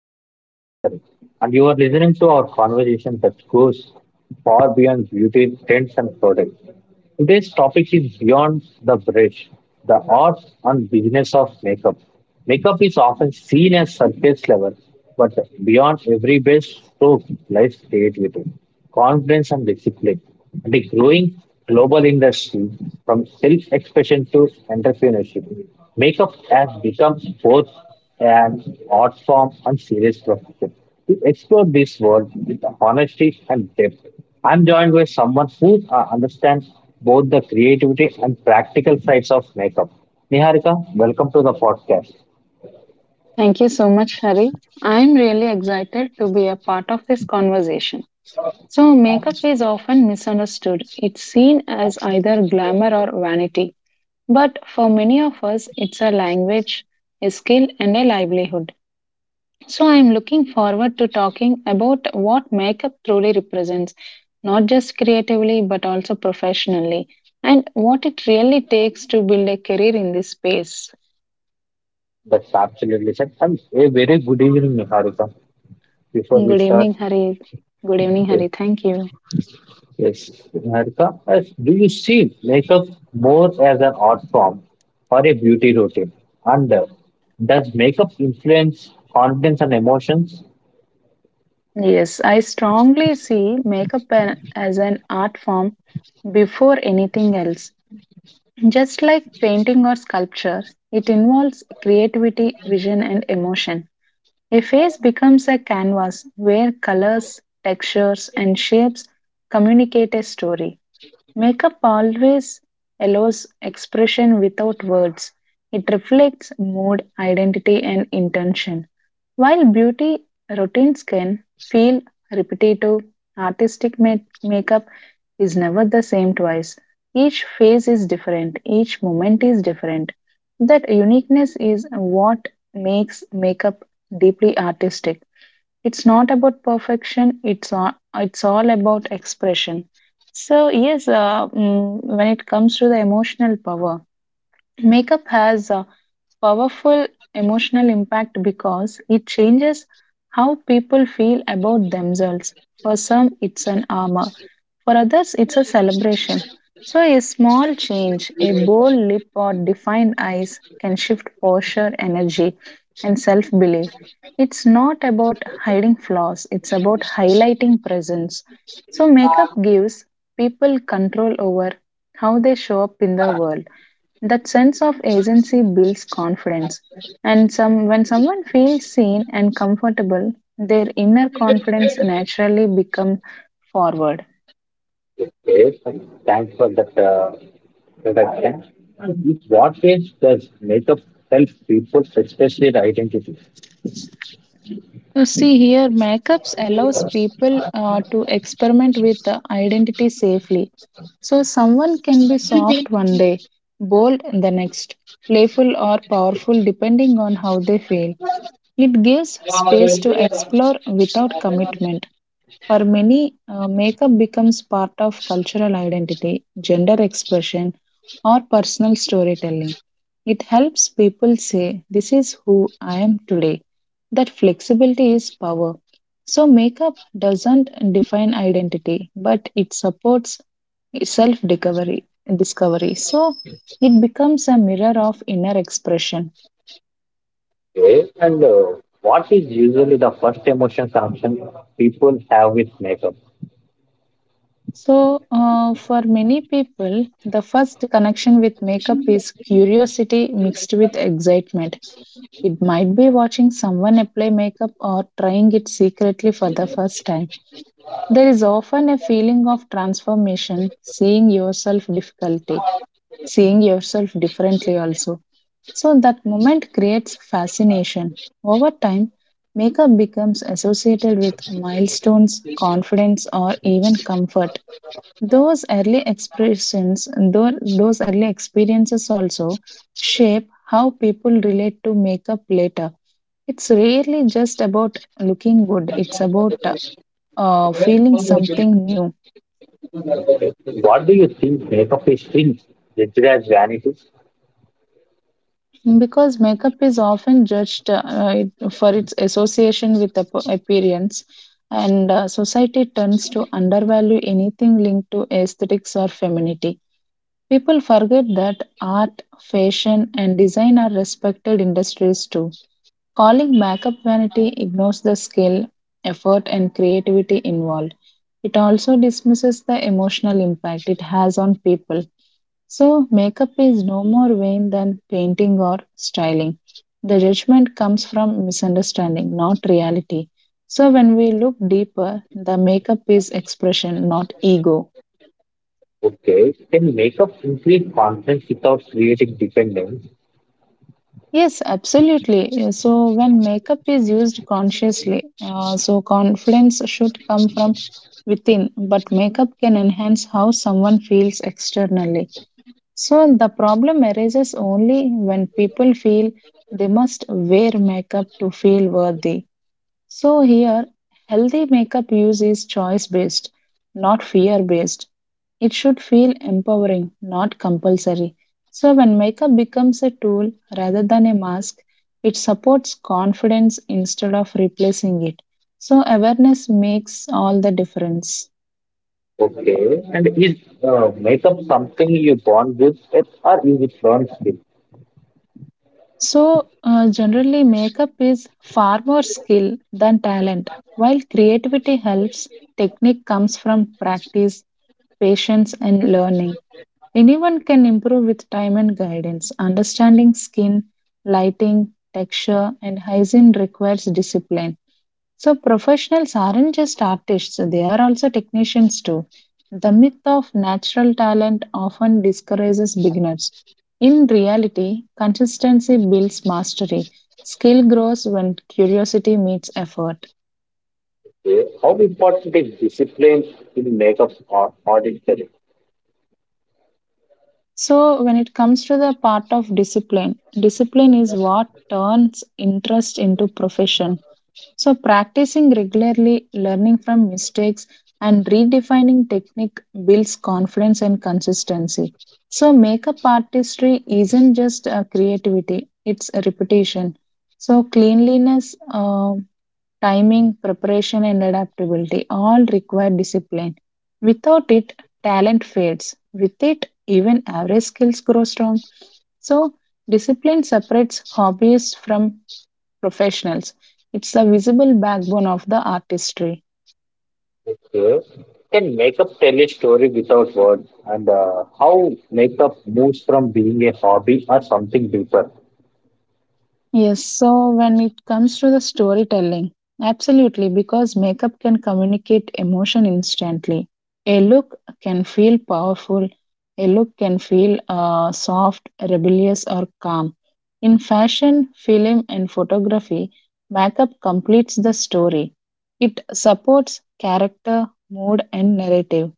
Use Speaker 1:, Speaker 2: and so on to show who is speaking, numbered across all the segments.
Speaker 1: I'm your host, Hari, and you are listening to our conversation that goes far beyond beauty trends and products. Today's topic is beyond the bridge, the art and business of makeup. Makeup is often seen as surface level, but beyond every base stroke lies creativity, confidence and discipline. And a growing global industry from self-expression to entrepreneurship, makeup has become both and art form and serious profession. We explore this world with honesty and depth. I'm joined by someone who understands both the creativity and practical sides of makeup. Niharika, welcome to the podcast.
Speaker 2: Thank you so much, Hari. I'm really excited to be a part of this conversation. So, makeup is often misunderstood. It's seen as either glamour or vanity. But for many of us, it's a language, a skill, and a livelihood. So, I'm looking forward to talking about what makeup truly represents, not just creatively, but also professionally, and what it really takes to build a career in this space.
Speaker 1: That's absolutely set. And a very good evening, Niharika. Before we
Speaker 2: Good
Speaker 1: start,
Speaker 2: evening, Hari. Good evening, Hari. Thank you.
Speaker 1: yes, Harika, do you see makeup more as an art form or a beauty routine? And does makeup influence confidence and emotions?
Speaker 2: Yes, I strongly see makeup as an art form before anything else. Just like painting or sculpture, it involves creativity, vision, and emotion. A face becomes a canvas where colors, textures, and shapes communicate a story. Makeup always allows expression without words. It reflects mood, identity, and intention. While beauty routines can feel repetitive, artistic makeup is never the same twice. Each phase is different, each moment is different. That uniqueness is what makes makeup deeply artistic. It's not about perfection, it's all about expression. So yes, when it comes to the emotional power, makeup has a powerful emotional impact because it changes how people feel about themselves. For some, it's an armor, for others, it's a celebration. So, a small change, a bold lip or defined eyes, can shift posture, energy, and self belief. It's not about hiding flaws, it's about highlighting presence. So, makeup gives people control over how they show up in the world. That sense of agency builds confidence. And some, when someone feels seen and comfortable, their inner confidence naturally becomes forward.
Speaker 1: Okay, thanks for that introduction. And in what ways does makeup help people express their identity?
Speaker 2: You see here, makeups allows people to experiment with the identity safely. So someone can be soft one day, bold the next, playful or powerful depending on how they feel. It gives space to explore without commitment. For many, makeup becomes part of cultural identity, gender expression, or personal storytelling. It helps people say, this is who I am today. That flexibility is power. So, makeup doesn't define identity, but it supports self discovery. Discovery. So, it becomes a mirror of inner expression.
Speaker 1: Okay, and what is usually the first emotion connection people have with makeup?
Speaker 2: So, for many people, the first connection with makeup is curiosity mixed with excitement. It might be watching someone apply makeup or trying it secretly for the first time. There is often a feeling of transformation, seeing yourself difficulty, seeing yourself differently also. So, that moment creates fascination. Over time, makeup becomes associated with milestones, confidence, or even comfort. Those early expressions, those early experiences also shape how people relate to makeup later. It's rarely just about looking good, it's about feeling something new.
Speaker 1: What do you think makeup is things? Judged as vanity?
Speaker 2: Because makeup is often judged for its association with appearance, and society tends to undervalue anything linked to aesthetics or femininity. People forget that art, fashion, and design are respected industries too. Calling backup vanity ignores the skill, effort, and creativity involved. It also dismisses the emotional impact it has on people. So, makeup is no more vain than painting or styling. The judgment comes from misunderstanding, not reality. So, when we look deeper, the makeup is expression, not ego.
Speaker 1: Okay. Can makeup increase confidence without creating dependence?
Speaker 2: Yes, absolutely. So, when makeup is used consciously, so confidence should come from within, but makeup can enhance how someone feels externally. So, the problem arises only when people feel they must wear makeup to feel worthy. So, here, healthy makeup use is choice based, not fear based. It should feel empowering, not compulsory. So, when makeup becomes a tool rather than a mask, it supports confidence instead of replacing it. So, awareness makes all the difference.
Speaker 1: Okay. And is makeup something you born with or is it learned skill?
Speaker 2: So, generally, makeup is far more skill than talent. While creativity helps, technique comes from practice, patience, and learning. Anyone can improve with time and guidance. Understanding skin, lighting, texture, and hygiene requires discipline. So, professionals aren't just artists, they are also technicians too. The myth of natural talent often discourages beginners. In reality, consistency builds mastery. Skill grows when curiosity meets effort.
Speaker 1: Okay. How important is discipline in makeup or audit career?
Speaker 2: So, when it comes to the part of discipline, discipline is what turns interest into profession. So, practicing regularly, learning from mistakes, and redefining technique builds confidence and consistency. So, makeup artistry isn't just creativity, it's a repetition. So, cleanliness, timing, preparation, and adaptability all require discipline. Without it, talent fades. With it, even average skills grow strong. So, discipline separates hobbies from professionals. It's the visible backbone of the artistry.
Speaker 1: Okay. Can makeup tell a story without words? And how makeup moves from being a hobby or something deeper?
Speaker 2: Yes, so when it comes to the storytelling, absolutely, because makeup can communicate emotion instantly. A look can feel powerful, a look can feel soft, rebellious, or calm. In fashion, film, and photography, makeup completes the story. It supports character, mood, and narrative.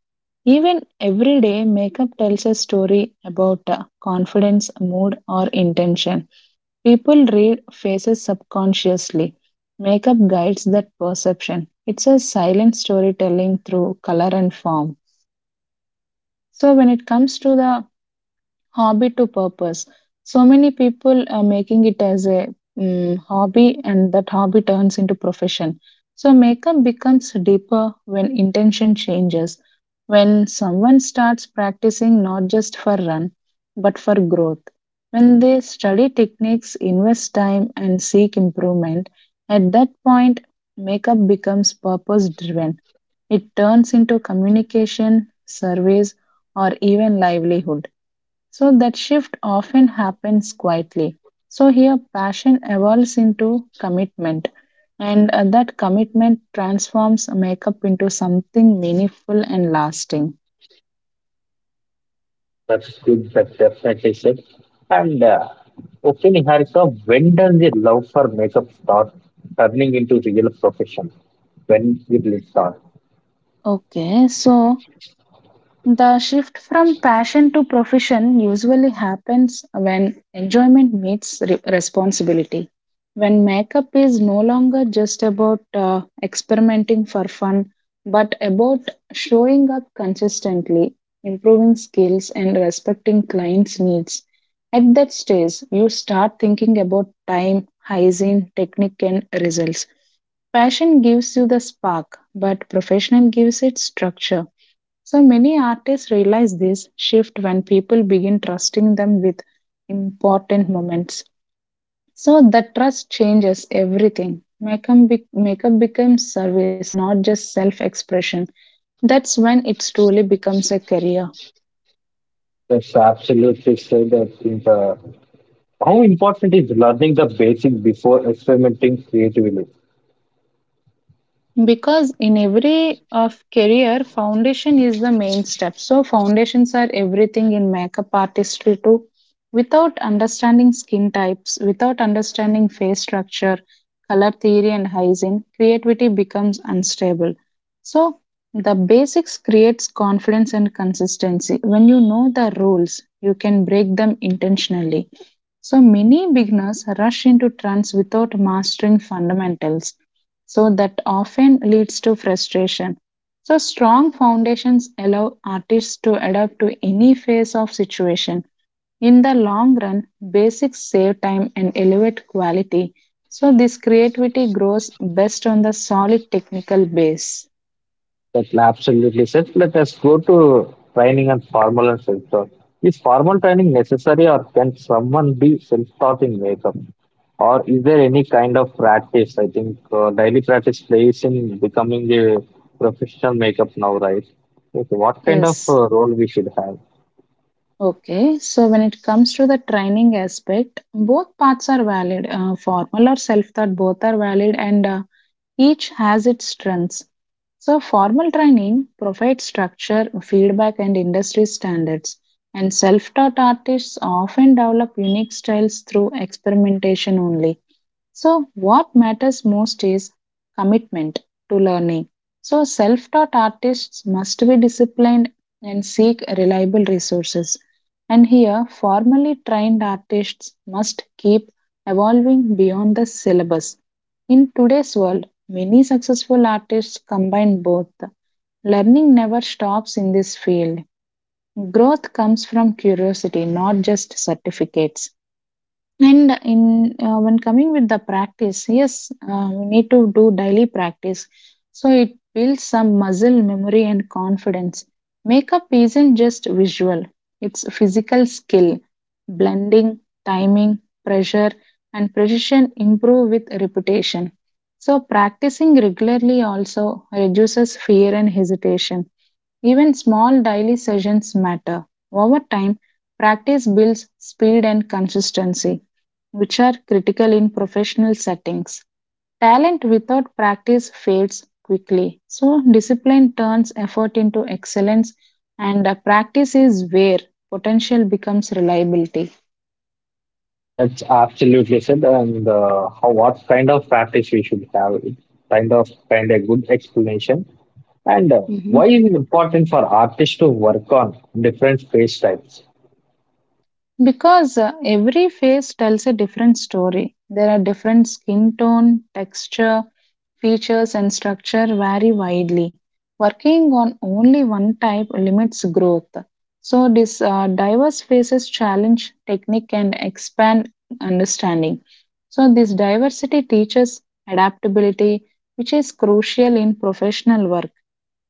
Speaker 2: Even every day, makeup tells a story about confidence, mood, or intention. People read faces subconsciously. Makeup guides that perception. It's a silent storytelling through color and form. So, when it comes to the hobby to purpose, so many people are making it as a hobby, and that hobby turns into profession. So makeup becomes deeper when intention changes. When someone starts practicing not just for run, but for growth, when they study techniques, invest time, and seek improvement, at that point makeup becomes purpose driven. It turns into communication, surveys, or even livelihood. So that shift often happens quietly. So here passion evolves into commitment, and that commitment transforms makeup into something meaningful and lasting.
Speaker 1: That's good. That's definitely said. And okay, Niharika, when does the love for makeup start turning into real profession? When will it start?
Speaker 2: Okay, so the shift from passion to profession usually happens when enjoyment meets responsibility. When makeup is no longer just about experimenting for fun, but about showing up consistently, improving skills, and respecting clients' needs. At that stage, you start thinking about time, hygiene, technique, and results. Passion gives you the spark, but professional gives it structure. So many artists realize this shift when people begin trusting them with important moments. So the trust changes everything. Makeup, makeup becomes service, not just self expression. That's when it truly becomes a career.
Speaker 1: That's absolutely said. I think how important is learning the basics before experimenting creatively?
Speaker 2: Because in every of career, foundation is the main step. So foundations are everything in makeup artistry too. Without understanding skin types, without understanding face structure, color theory and hygiene, creativity becomes unstable. So the basics creates confidence and consistency. When you know the rules, you can break them intentionally. So many beginners rush into trends without mastering fundamentals, so that often leads to frustration. So strong foundations allow artists to adapt to any phase of situation. In the long run, basics save time and elevate quality. So this creativity grows best on the solid technical base.
Speaker 1: That's absolutely said. Let us go to training and formal and self-taught. Is formal training necessary or can someone be self-taught in makeup? Or is there any kind of practice? I think daily practice plays in becoming a professional makeup now, right? Okay, what kind of
Speaker 2: Yes.
Speaker 1: role we should have?
Speaker 2: Okay. So when it comes to the training aspect, both paths are valid. Formal or self-taught, both are valid, and each has its strengths. So, formal training provides structure, feedback, and industry standards. And self taught artists often develop unique styles through experimentation only. So, what matters most is commitment to learning. So, self taught artists must be disciplined and seek reliable resources. And here, formally trained artists must keep evolving beyond the syllabus. In today's world, many successful artists combine both. Learning never stops in this field. Growth comes from curiosity, not just certificates. And in when coming with the practice, yes, we need to do daily practice. So it builds some muscle memory and confidence. Makeup isn't just visual; it's a physical skill. Blending, timing, pressure, and precision improve with repetition. So practicing regularly also reduces fear and hesitation. Even small daily sessions matter. Over time, practice builds speed and consistency, which are critical in professional settings. Talent without practice fades quickly. So, discipline turns effort into excellence, and practice is where potential becomes reliability.
Speaker 1: That's absolutely said. And how what kind of practice we should have? It kind of good explanation. And
Speaker 2: hmm
Speaker 1: why is it important for artists to work on different face types?
Speaker 2: Because every face tells a different story. There are different skin tone, texture, features and structure vary widely. Working on only one type limits growth. So, this diverse faces challenge technique and expand understanding. So, this diversity teaches adaptability, which is crucial in professional work.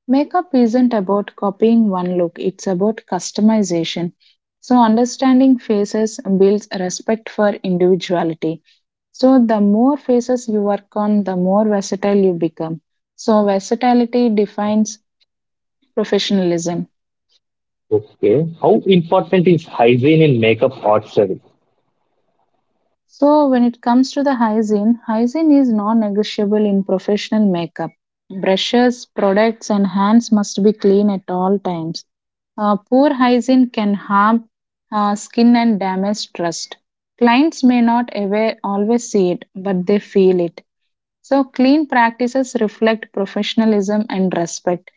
Speaker 2: Makeup isn't about copying one look, it's about customization. So, understanding faces builds respect for individuality. So, the more phases you work on, the more versatile you become. So, versatility defines professionalism.
Speaker 1: Okay, how important is hygiene in makeup art study?
Speaker 2: So, when it comes to the hygiene, hygiene is non negotiable in professional makeup. Brushes, products, and hands must be clean at all times. Poor hygiene can harm skin and damage trust. Clients may not aware, always see it, but they feel it. So, clean practices reflect professionalism and respect.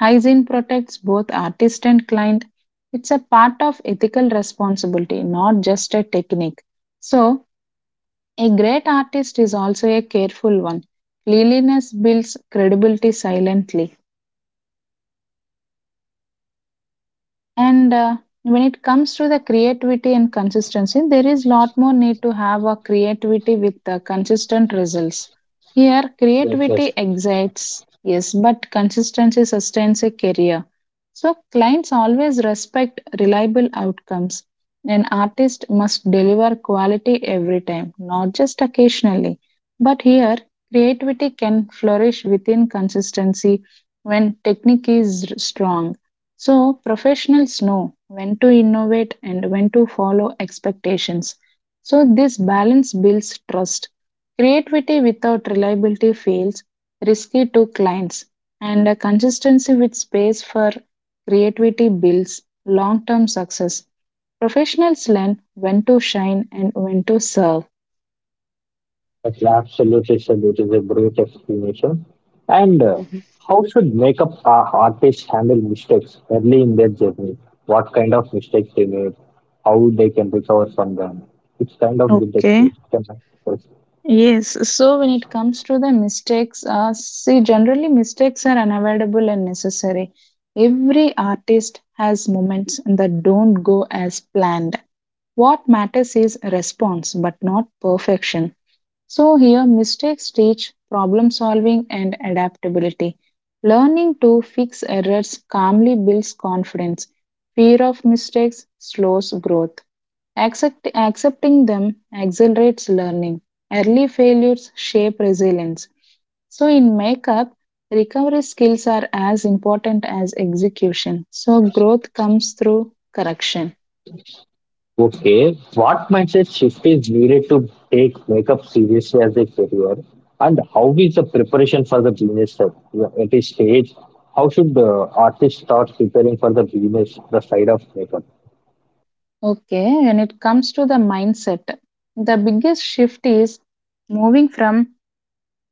Speaker 2: Hygiene protects both artist and client. It's a part of ethical responsibility, not just a technique. So, a great artist is also a careful one. Cleanliness builds credibility silently. And when it comes to the creativity and consistency, there is lot more need to have a creativity with the consistent results. Here,
Speaker 1: Yes, yes.
Speaker 2: creativity excites, yes, but consistency sustains a career. So, clients always respect reliable outcomes. An artist must deliver quality every time, not just occasionally. But here, creativity can flourish within consistency when technique is strong. So, professionals know when to innovate and when to follow expectations. So, this balance builds trust. Creativity without reliability feels risky to clients, and a consistency with space for creativity builds long term success. Professionals learn when to shine and when to serve.
Speaker 1: That's absolutely salute is a great explanation. And how should makeup artists handle mistakes early in their journey? What kind of mistakes they made? How they can recover from them? It's kind of good
Speaker 2: Okay.
Speaker 1: explanation.
Speaker 2: Yes, so when it comes to the mistakes, see, generally mistakes are unavoidable and necessary. Every artist has moments that don't go as planned. What matters is response, but not perfection. So, here mistakes teach problem solving and adaptability. Learning to fix errors calmly builds confidence. Fear of mistakes slows growth. Accepting them accelerates learning. Early failures shape resilience. So, in makeup, recovery skills are as important as execution. So, growth comes through correction.
Speaker 1: Okay, what mindset shift is needed to take makeup seriously as a career, and how is the preparation for the business at this stage? How should the artist start preparing for the business, the side of makeup?
Speaker 2: Okay, when it comes to the mindset, the biggest shift is moving from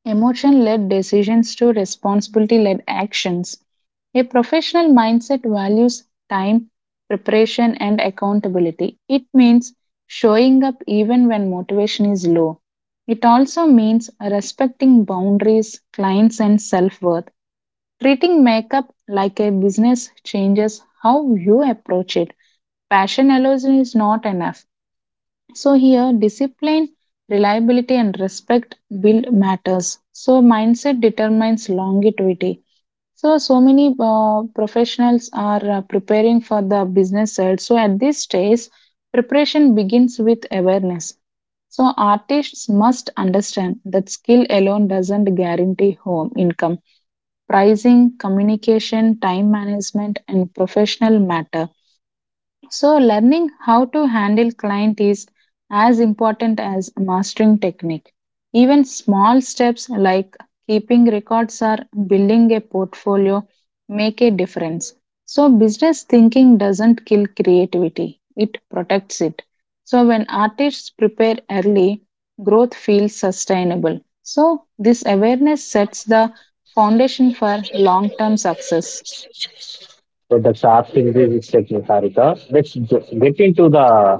Speaker 2: emotion led decisions to responsibility led actions. A professional mindset values time, preparation, and accountability. It means showing up even when motivation is low. It also means respecting boundaries, clients, and self worth. Treating makeup like a business changes how you approach it. Passion alone is not enough, so here discipline, reliability and respect build matters. So mindset determines longevity. So so many professionals are preparing for the business side. So at this stage preparation begins with awareness. So artists must understand that skill alone doesn't guarantee home income. Pricing, communication, time management and professional matter. So, learning how to handle client is as important as mastering technique. Even small steps like keeping records or building a portfolio make a difference. So, business thinking doesn't kill creativity, it protects it. So, when artists prepare early, growth feels sustainable. So, this awareness sets the foundation for long term success.
Speaker 1: So that's our absolutely mistake, Niharika. Let's get into the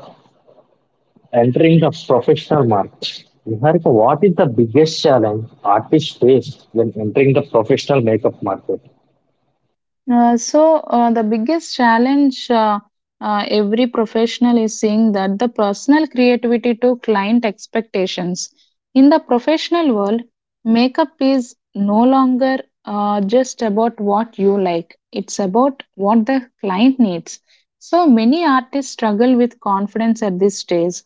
Speaker 1: entering the professional market. Niharika, what is the biggest challenge artists face when entering the professional makeup market?
Speaker 2: Uh, so the biggest challenge, every professional is seeing that the personal creativity to client expectations in the professional world, makeup is no longer just about what you like, it's about what the client needs. So many artists struggle with confidence at this stage,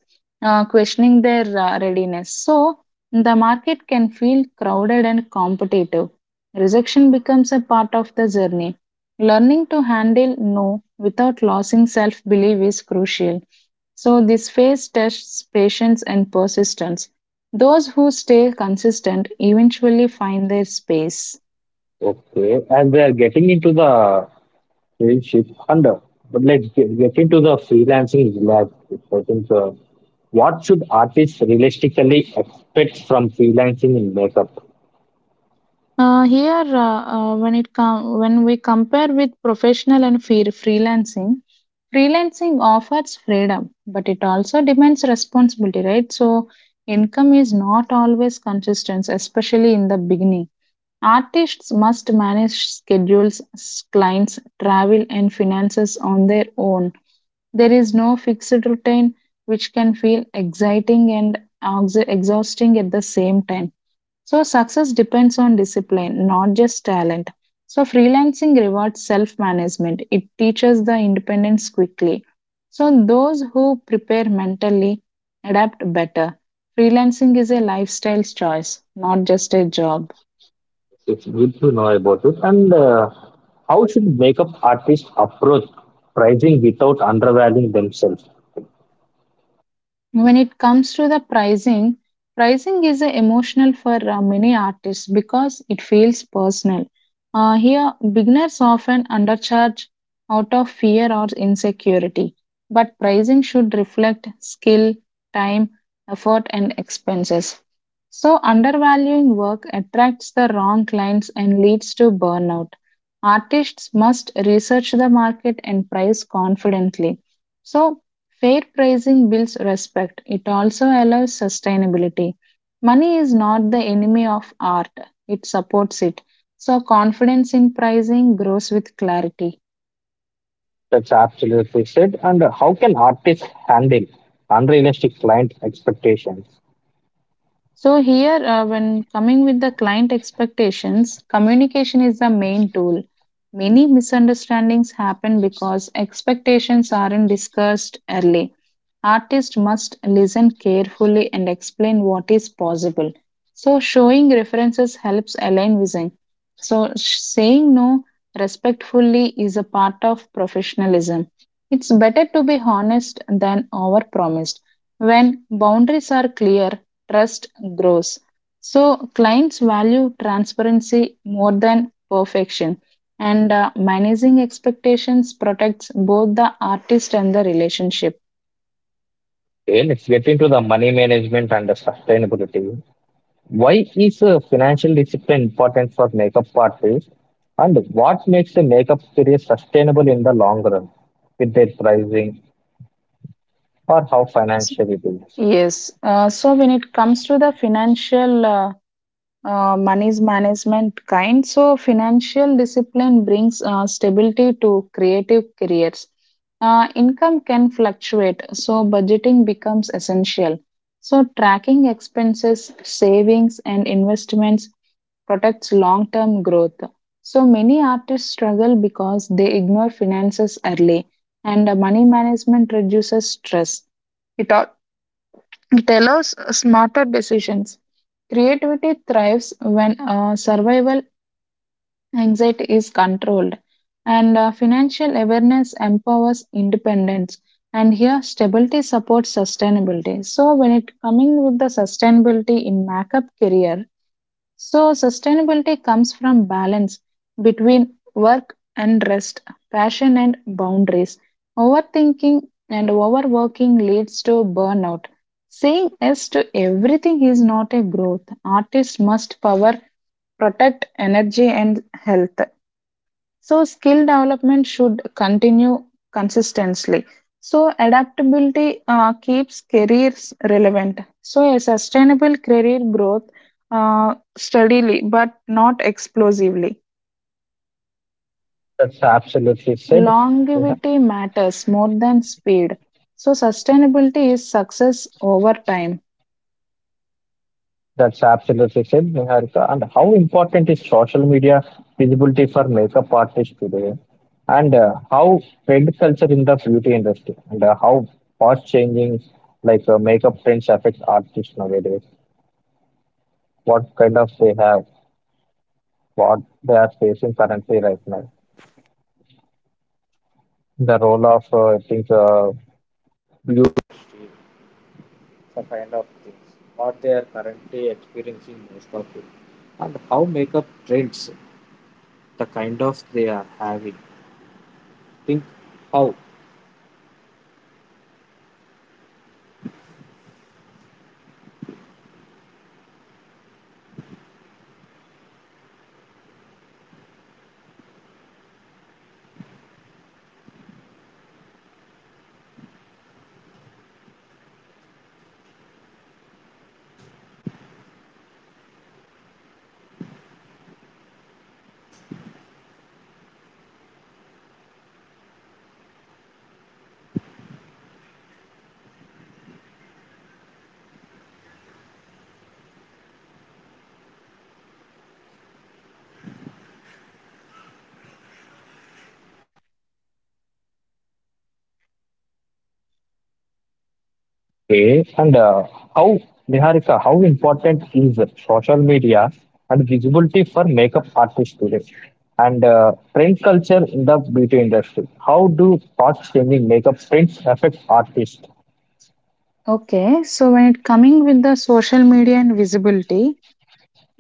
Speaker 2: questioning their readiness. So the market can feel crowded and competitive. Rejection becomes a part of the journey. Learning to handle no without losing self belief is crucial. So, this phase tests patience and persistence. Those who stay consistent eventually find their space.
Speaker 1: Okay, and they are getting into the relationship under, but get into the freelancing landscape. I think what should artists realistically expect from freelancing in makeup?
Speaker 2: Here, when it com- When we compare with professional and freelancing, freelancing offers freedom, but it also demands responsibility, right? So, income is not always consistent, especially in the beginning. Artists must manage schedules, clients, travel, and finances on their own. There is no fixed routine, which can feel exciting and exhausting at the same time. So, success depends on discipline, not just talent. So, freelancing rewards self management, it teaches the independence quickly. So, those who prepare mentally adapt better. Freelancing is a lifestyle choice, not just a job.
Speaker 1: It's good to know about it. And how should makeup artists approach pricing without undervaluing themselves?
Speaker 2: When it comes to the pricing, pricing is emotional for many artists because it feels personal. Here, beginners often undercharge out of fear or insecurity, but pricing should reflect skill, time, effort, and expenses. So, undervaluing work attracts the wrong clients and leads to burnout. Artists must research the market and price confidently. So, fair pricing builds respect. It also allows sustainability. Money is not the enemy of art, it supports it. So, confidence in pricing grows with clarity.
Speaker 1: That's absolutely said. And how can artists handle unrealistic client expectations?
Speaker 2: So, here, when coming with the client expectations, communication is the main tool. Many misunderstandings happen because expectations aren't discussed early. Artist must listen carefully and explain what is possible. So, showing references helps align vision. So, saying no respectfully is a part of professionalism. It's better to be honest than overpromised. When boundaries are clear, trust grows. So, clients value transparency more than perfection, and managing expectations protects both the artist and the relationship.
Speaker 1: Okay, let's get into the money management and the sustainability. Why is financial discipline important for makeup artists? And what makes a makeup career sustainable in the long run with their pricing or how financial it is?
Speaker 2: Yes. So, when it comes to the financial money's management kind. So, financial discipline brings stability to creative careers. Income can fluctuate, so budgeting becomes essential. So, tracking expenses, savings, and investments protects long term growth. So, many artists struggle because they ignore finances early, and money management reduces stress. It, al- it allows smarter decisions. Creativity thrives when survival anxiety is controlled, and financial awareness empowers independence. And here, stability supports sustainability. So, when it coming with the sustainability in makeup career, so, sustainability comes from balance between work and rest, passion and boundaries. Overthinking and overworking leads to burnout. Saying yes to everything is not a growth. Artists must power, protect energy and health. So, skill development should continue consistently. So, adaptability keeps careers relevant. So, a sustainable career growth steadily but not explosively.
Speaker 1: That's absolutely said. Neha.
Speaker 2: Longevity matters more than speed. So, sustainability is success over time.
Speaker 1: That's absolutely said, Niharika. And how important is social media visibility for makeup artists today? And how trend culture in the beauty industry? And how fast changing like makeup trends affects artists nowadays? What kind of they have? What they are facing currently right now? The role of I think okay, and how, Niharika, how important is social media and visibility for makeup artists today? And trend culture in the beauty industry. How do fast changing makeup trends affect artists?
Speaker 2: Okay, so when it coming with the social media and visibility,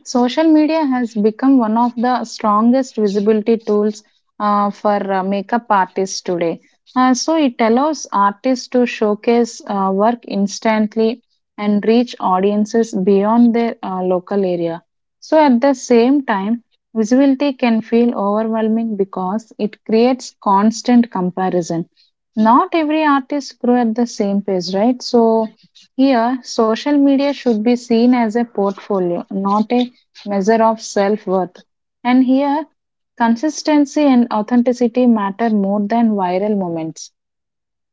Speaker 2: social media has become one of the strongest visibility tools for makeup artists today. So it allows artists to showcase work instantly and reach audiences beyond their local area. So at the same time, visibility can feel overwhelming because it creates constant comparison. Not every artist grew at the same pace, right? So here, social media should be seen as a portfolio, not a measure of self worth. And here, consistency and authenticity matter more than viral moments.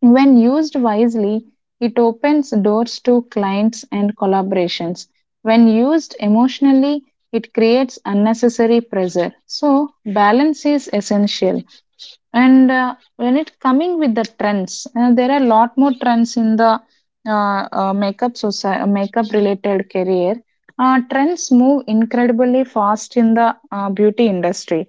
Speaker 2: When used wisely, it opens doors to clients and collaborations. When used emotionally, it creates unnecessary pressure. So, balance is essential. And when it coming with the trends, there are a lot more trends in the makeup society, makeup related career. Trends move incredibly fast in the beauty industry,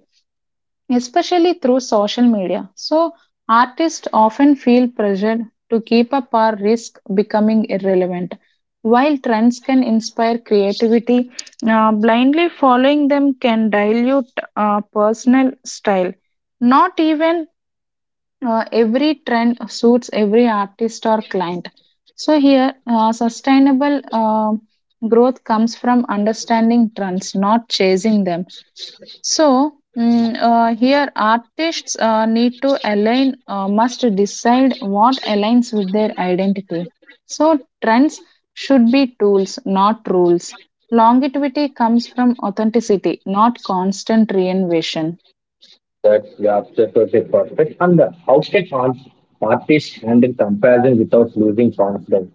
Speaker 2: especially through social media. So artists often feel pressured to keep up or risk becoming irrelevant. While trends can inspire creativity, blindly following them can dilute personal style. Not even every trend suits every artist or client. So here, sustainable growth comes from understanding trends, not chasing them. So here, artists must decide what aligns with their identity. So trends should be tools, not rules. Longevity comes from authenticity, not constant reinvention.
Speaker 1: That you are absolutely perfect. And how can artists handle comparison without losing confidence?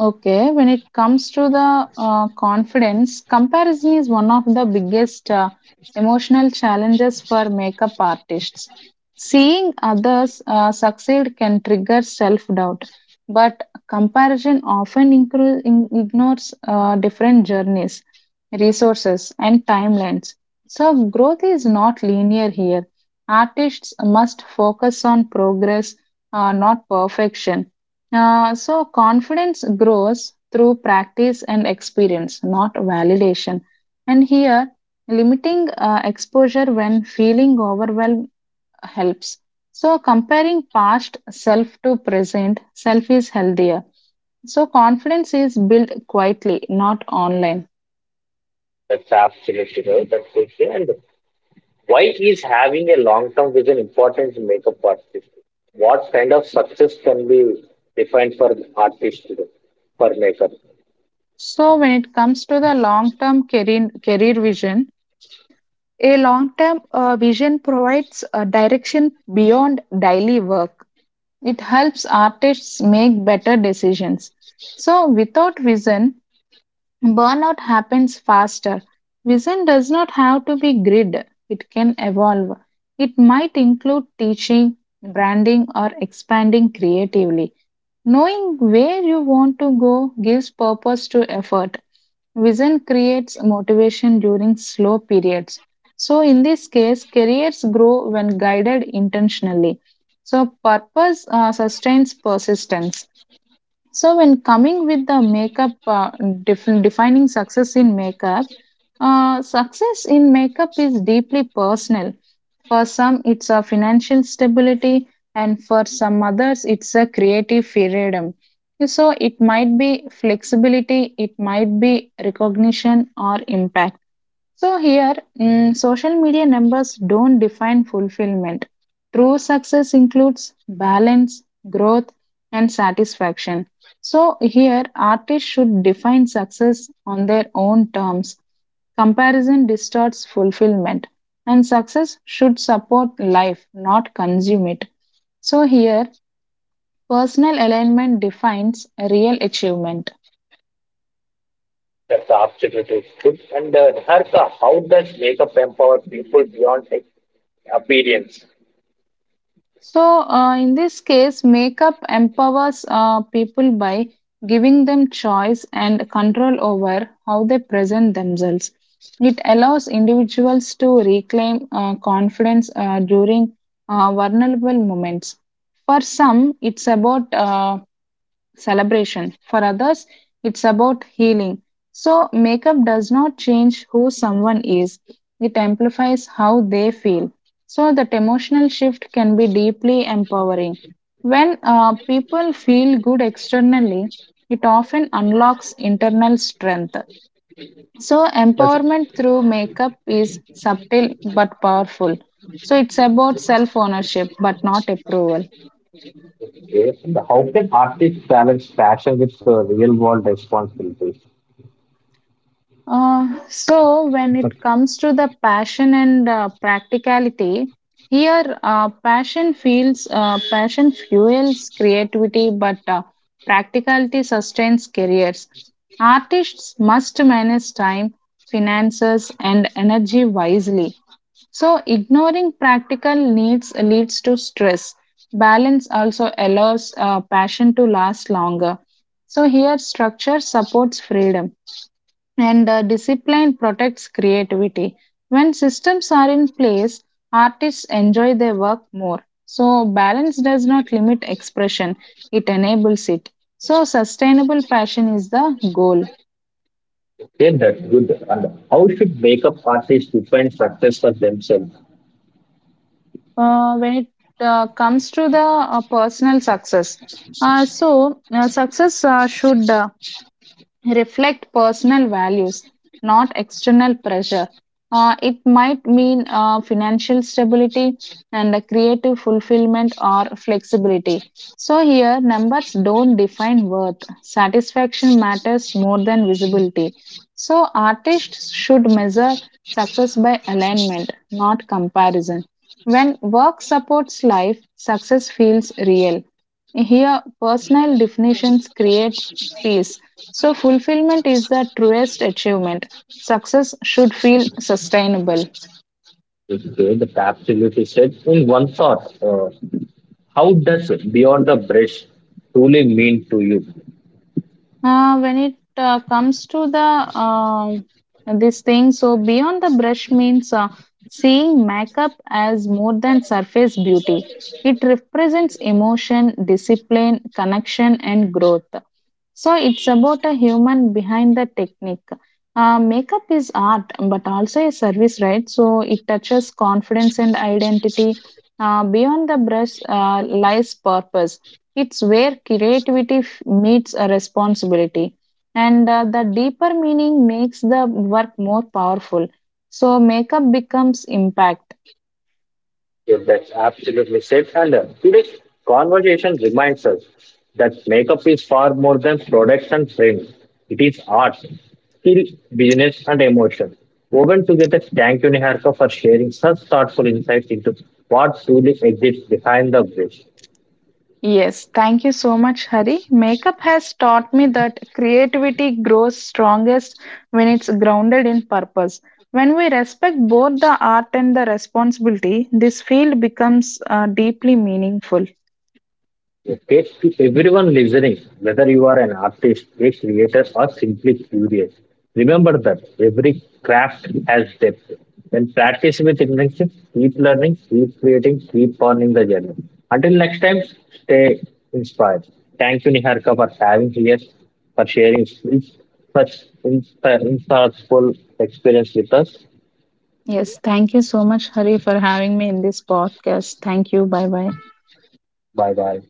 Speaker 2: Okay, when it comes to the confidence, comparison is one of the biggest emotional challenges for makeup artists. Seeing others succeed can trigger self doubt, but comparison often ignores different journeys, resources, and timelines. So, growth is not linear here. Artists must focus on progress, not perfection, so, confidence grows through practice and experience, not validation. And here, limiting exposure when feeling overwhelmed helps. So, comparing past self to present self is healthier. So, confidence is built quietly, not online.
Speaker 1: That's absolutely right. That's okay. And why is having a long term vision important to make up artist? What kind of success can be defined for artist today, for maker?
Speaker 2: So, when it comes to the long term career, career vision, a long term vision provides a direction beyond daily work. It helps artists make better decisions. So, without vision, burnout happens faster. Vision does not have to be grid, it can evolve. It might include teaching, branding, or expanding creatively. Knowing where you want to go gives purpose to effort. Vision creates motivation during slow periods. So, in this case, careers grow when guided intentionally. So, purpose sustains persistence. So when coming with the makeup, defining success in makeup is deeply personal. For some, it's a financial stability, and for some others, it's a creative freedom. So it might be flexibility, it might be recognition or impact. So, here, social media numbers don't define fulfillment. True success includes balance, growth, and satisfaction. So, here, artists should define success on their own terms. Comparison distorts fulfillment, and success should support life, not consume it. So, here, personal alignment defines real achievement.
Speaker 1: That's the absolute good. And Niharika, how does makeup empower people beyond like, appearance?
Speaker 2: So, in this case, makeup empowers people by giving them choice and control over how they present themselves. It allows individuals to reclaim confidence during vulnerable moments. For some, it's about celebration. For others, it's about healing. So, makeup does not change who someone is, it amplifies how they feel. So, that emotional shift can be deeply empowering. When people feel good externally, it often unlocks internal strength. So,
Speaker 1: That's
Speaker 2: empowerment through makeup is subtle but powerful. So, it's about self ownership but not approval.
Speaker 1: okay. And how can artists balance passion with real world responsibilities?
Speaker 2: So, when it comes to the passion and practicality, here passion fuels creativity, but practicality sustains careers. Artists must manage time, finances, and energy wisely. So, ignoring practical needs leads to stress. Balance also allows passion to last longer. So, here structure supports freedom and discipline protects creativity. When systems are in place, artists enjoy their work more. So, balance does not limit expression, it enables it. So, sustainable passion is the goal.
Speaker 1: Okay, that's good. And how should makeup artists define success for themselves?
Speaker 2: When it comes to the personal success, success should reflect personal values, not external pressure. It might mean financial stability and a creative fulfillment or flexibility. So, here numbers don't define worth. Satisfaction matters more than visibility. So, artists should measure success by alignment, not comparison. When work supports life, success feels real. Here, personal definitions create peace, so, fulfillment is the truest achievement. Success should feel sustainable.
Speaker 1: Okay, the absolutely said in one thought. How does Beyond the Bridge truly mean to you?
Speaker 2: When it comes to the this thing, so beyond the brush means seeing makeup as more than surface beauty. It represents emotion, discipline, connection, and growth. So it's about a human behind the technique. Makeup is art, but also a service, right? So it touches confidence and identity. Beyond the brush lies purpose. It's where creativity meets a responsibility, and the deeper meaning makes the work more powerful. So makeup becomes impact.
Speaker 1: If that's absolutely said, and today's conversation reminds us that makeup is far more than products and frames. It is art, skill, business, and emotion. Woven together, thank you, Niharika, for sharing such thoughtful insights into what truly exists behind the bridge.
Speaker 2: Yes, thank you so much, Hari. Makeup has taught me that creativity grows strongest when it's grounded in purpose. When we respect both the art and the responsibility, this field becomes deeply meaningful.
Speaker 1: Okay, to everyone listening, whether you are an artist, a creator, or simply curious, remember that every craft has depth. When practice with intention, keep learning, keep creating, keep honoring the journey. Until next time, stay inspired. Thank you, Niharika, for having here, for sharing such insightful experience with us.
Speaker 2: Yes, thank you so much, Hari, for having me in this podcast. Thank you. Bye bye.
Speaker 1: Bye bye.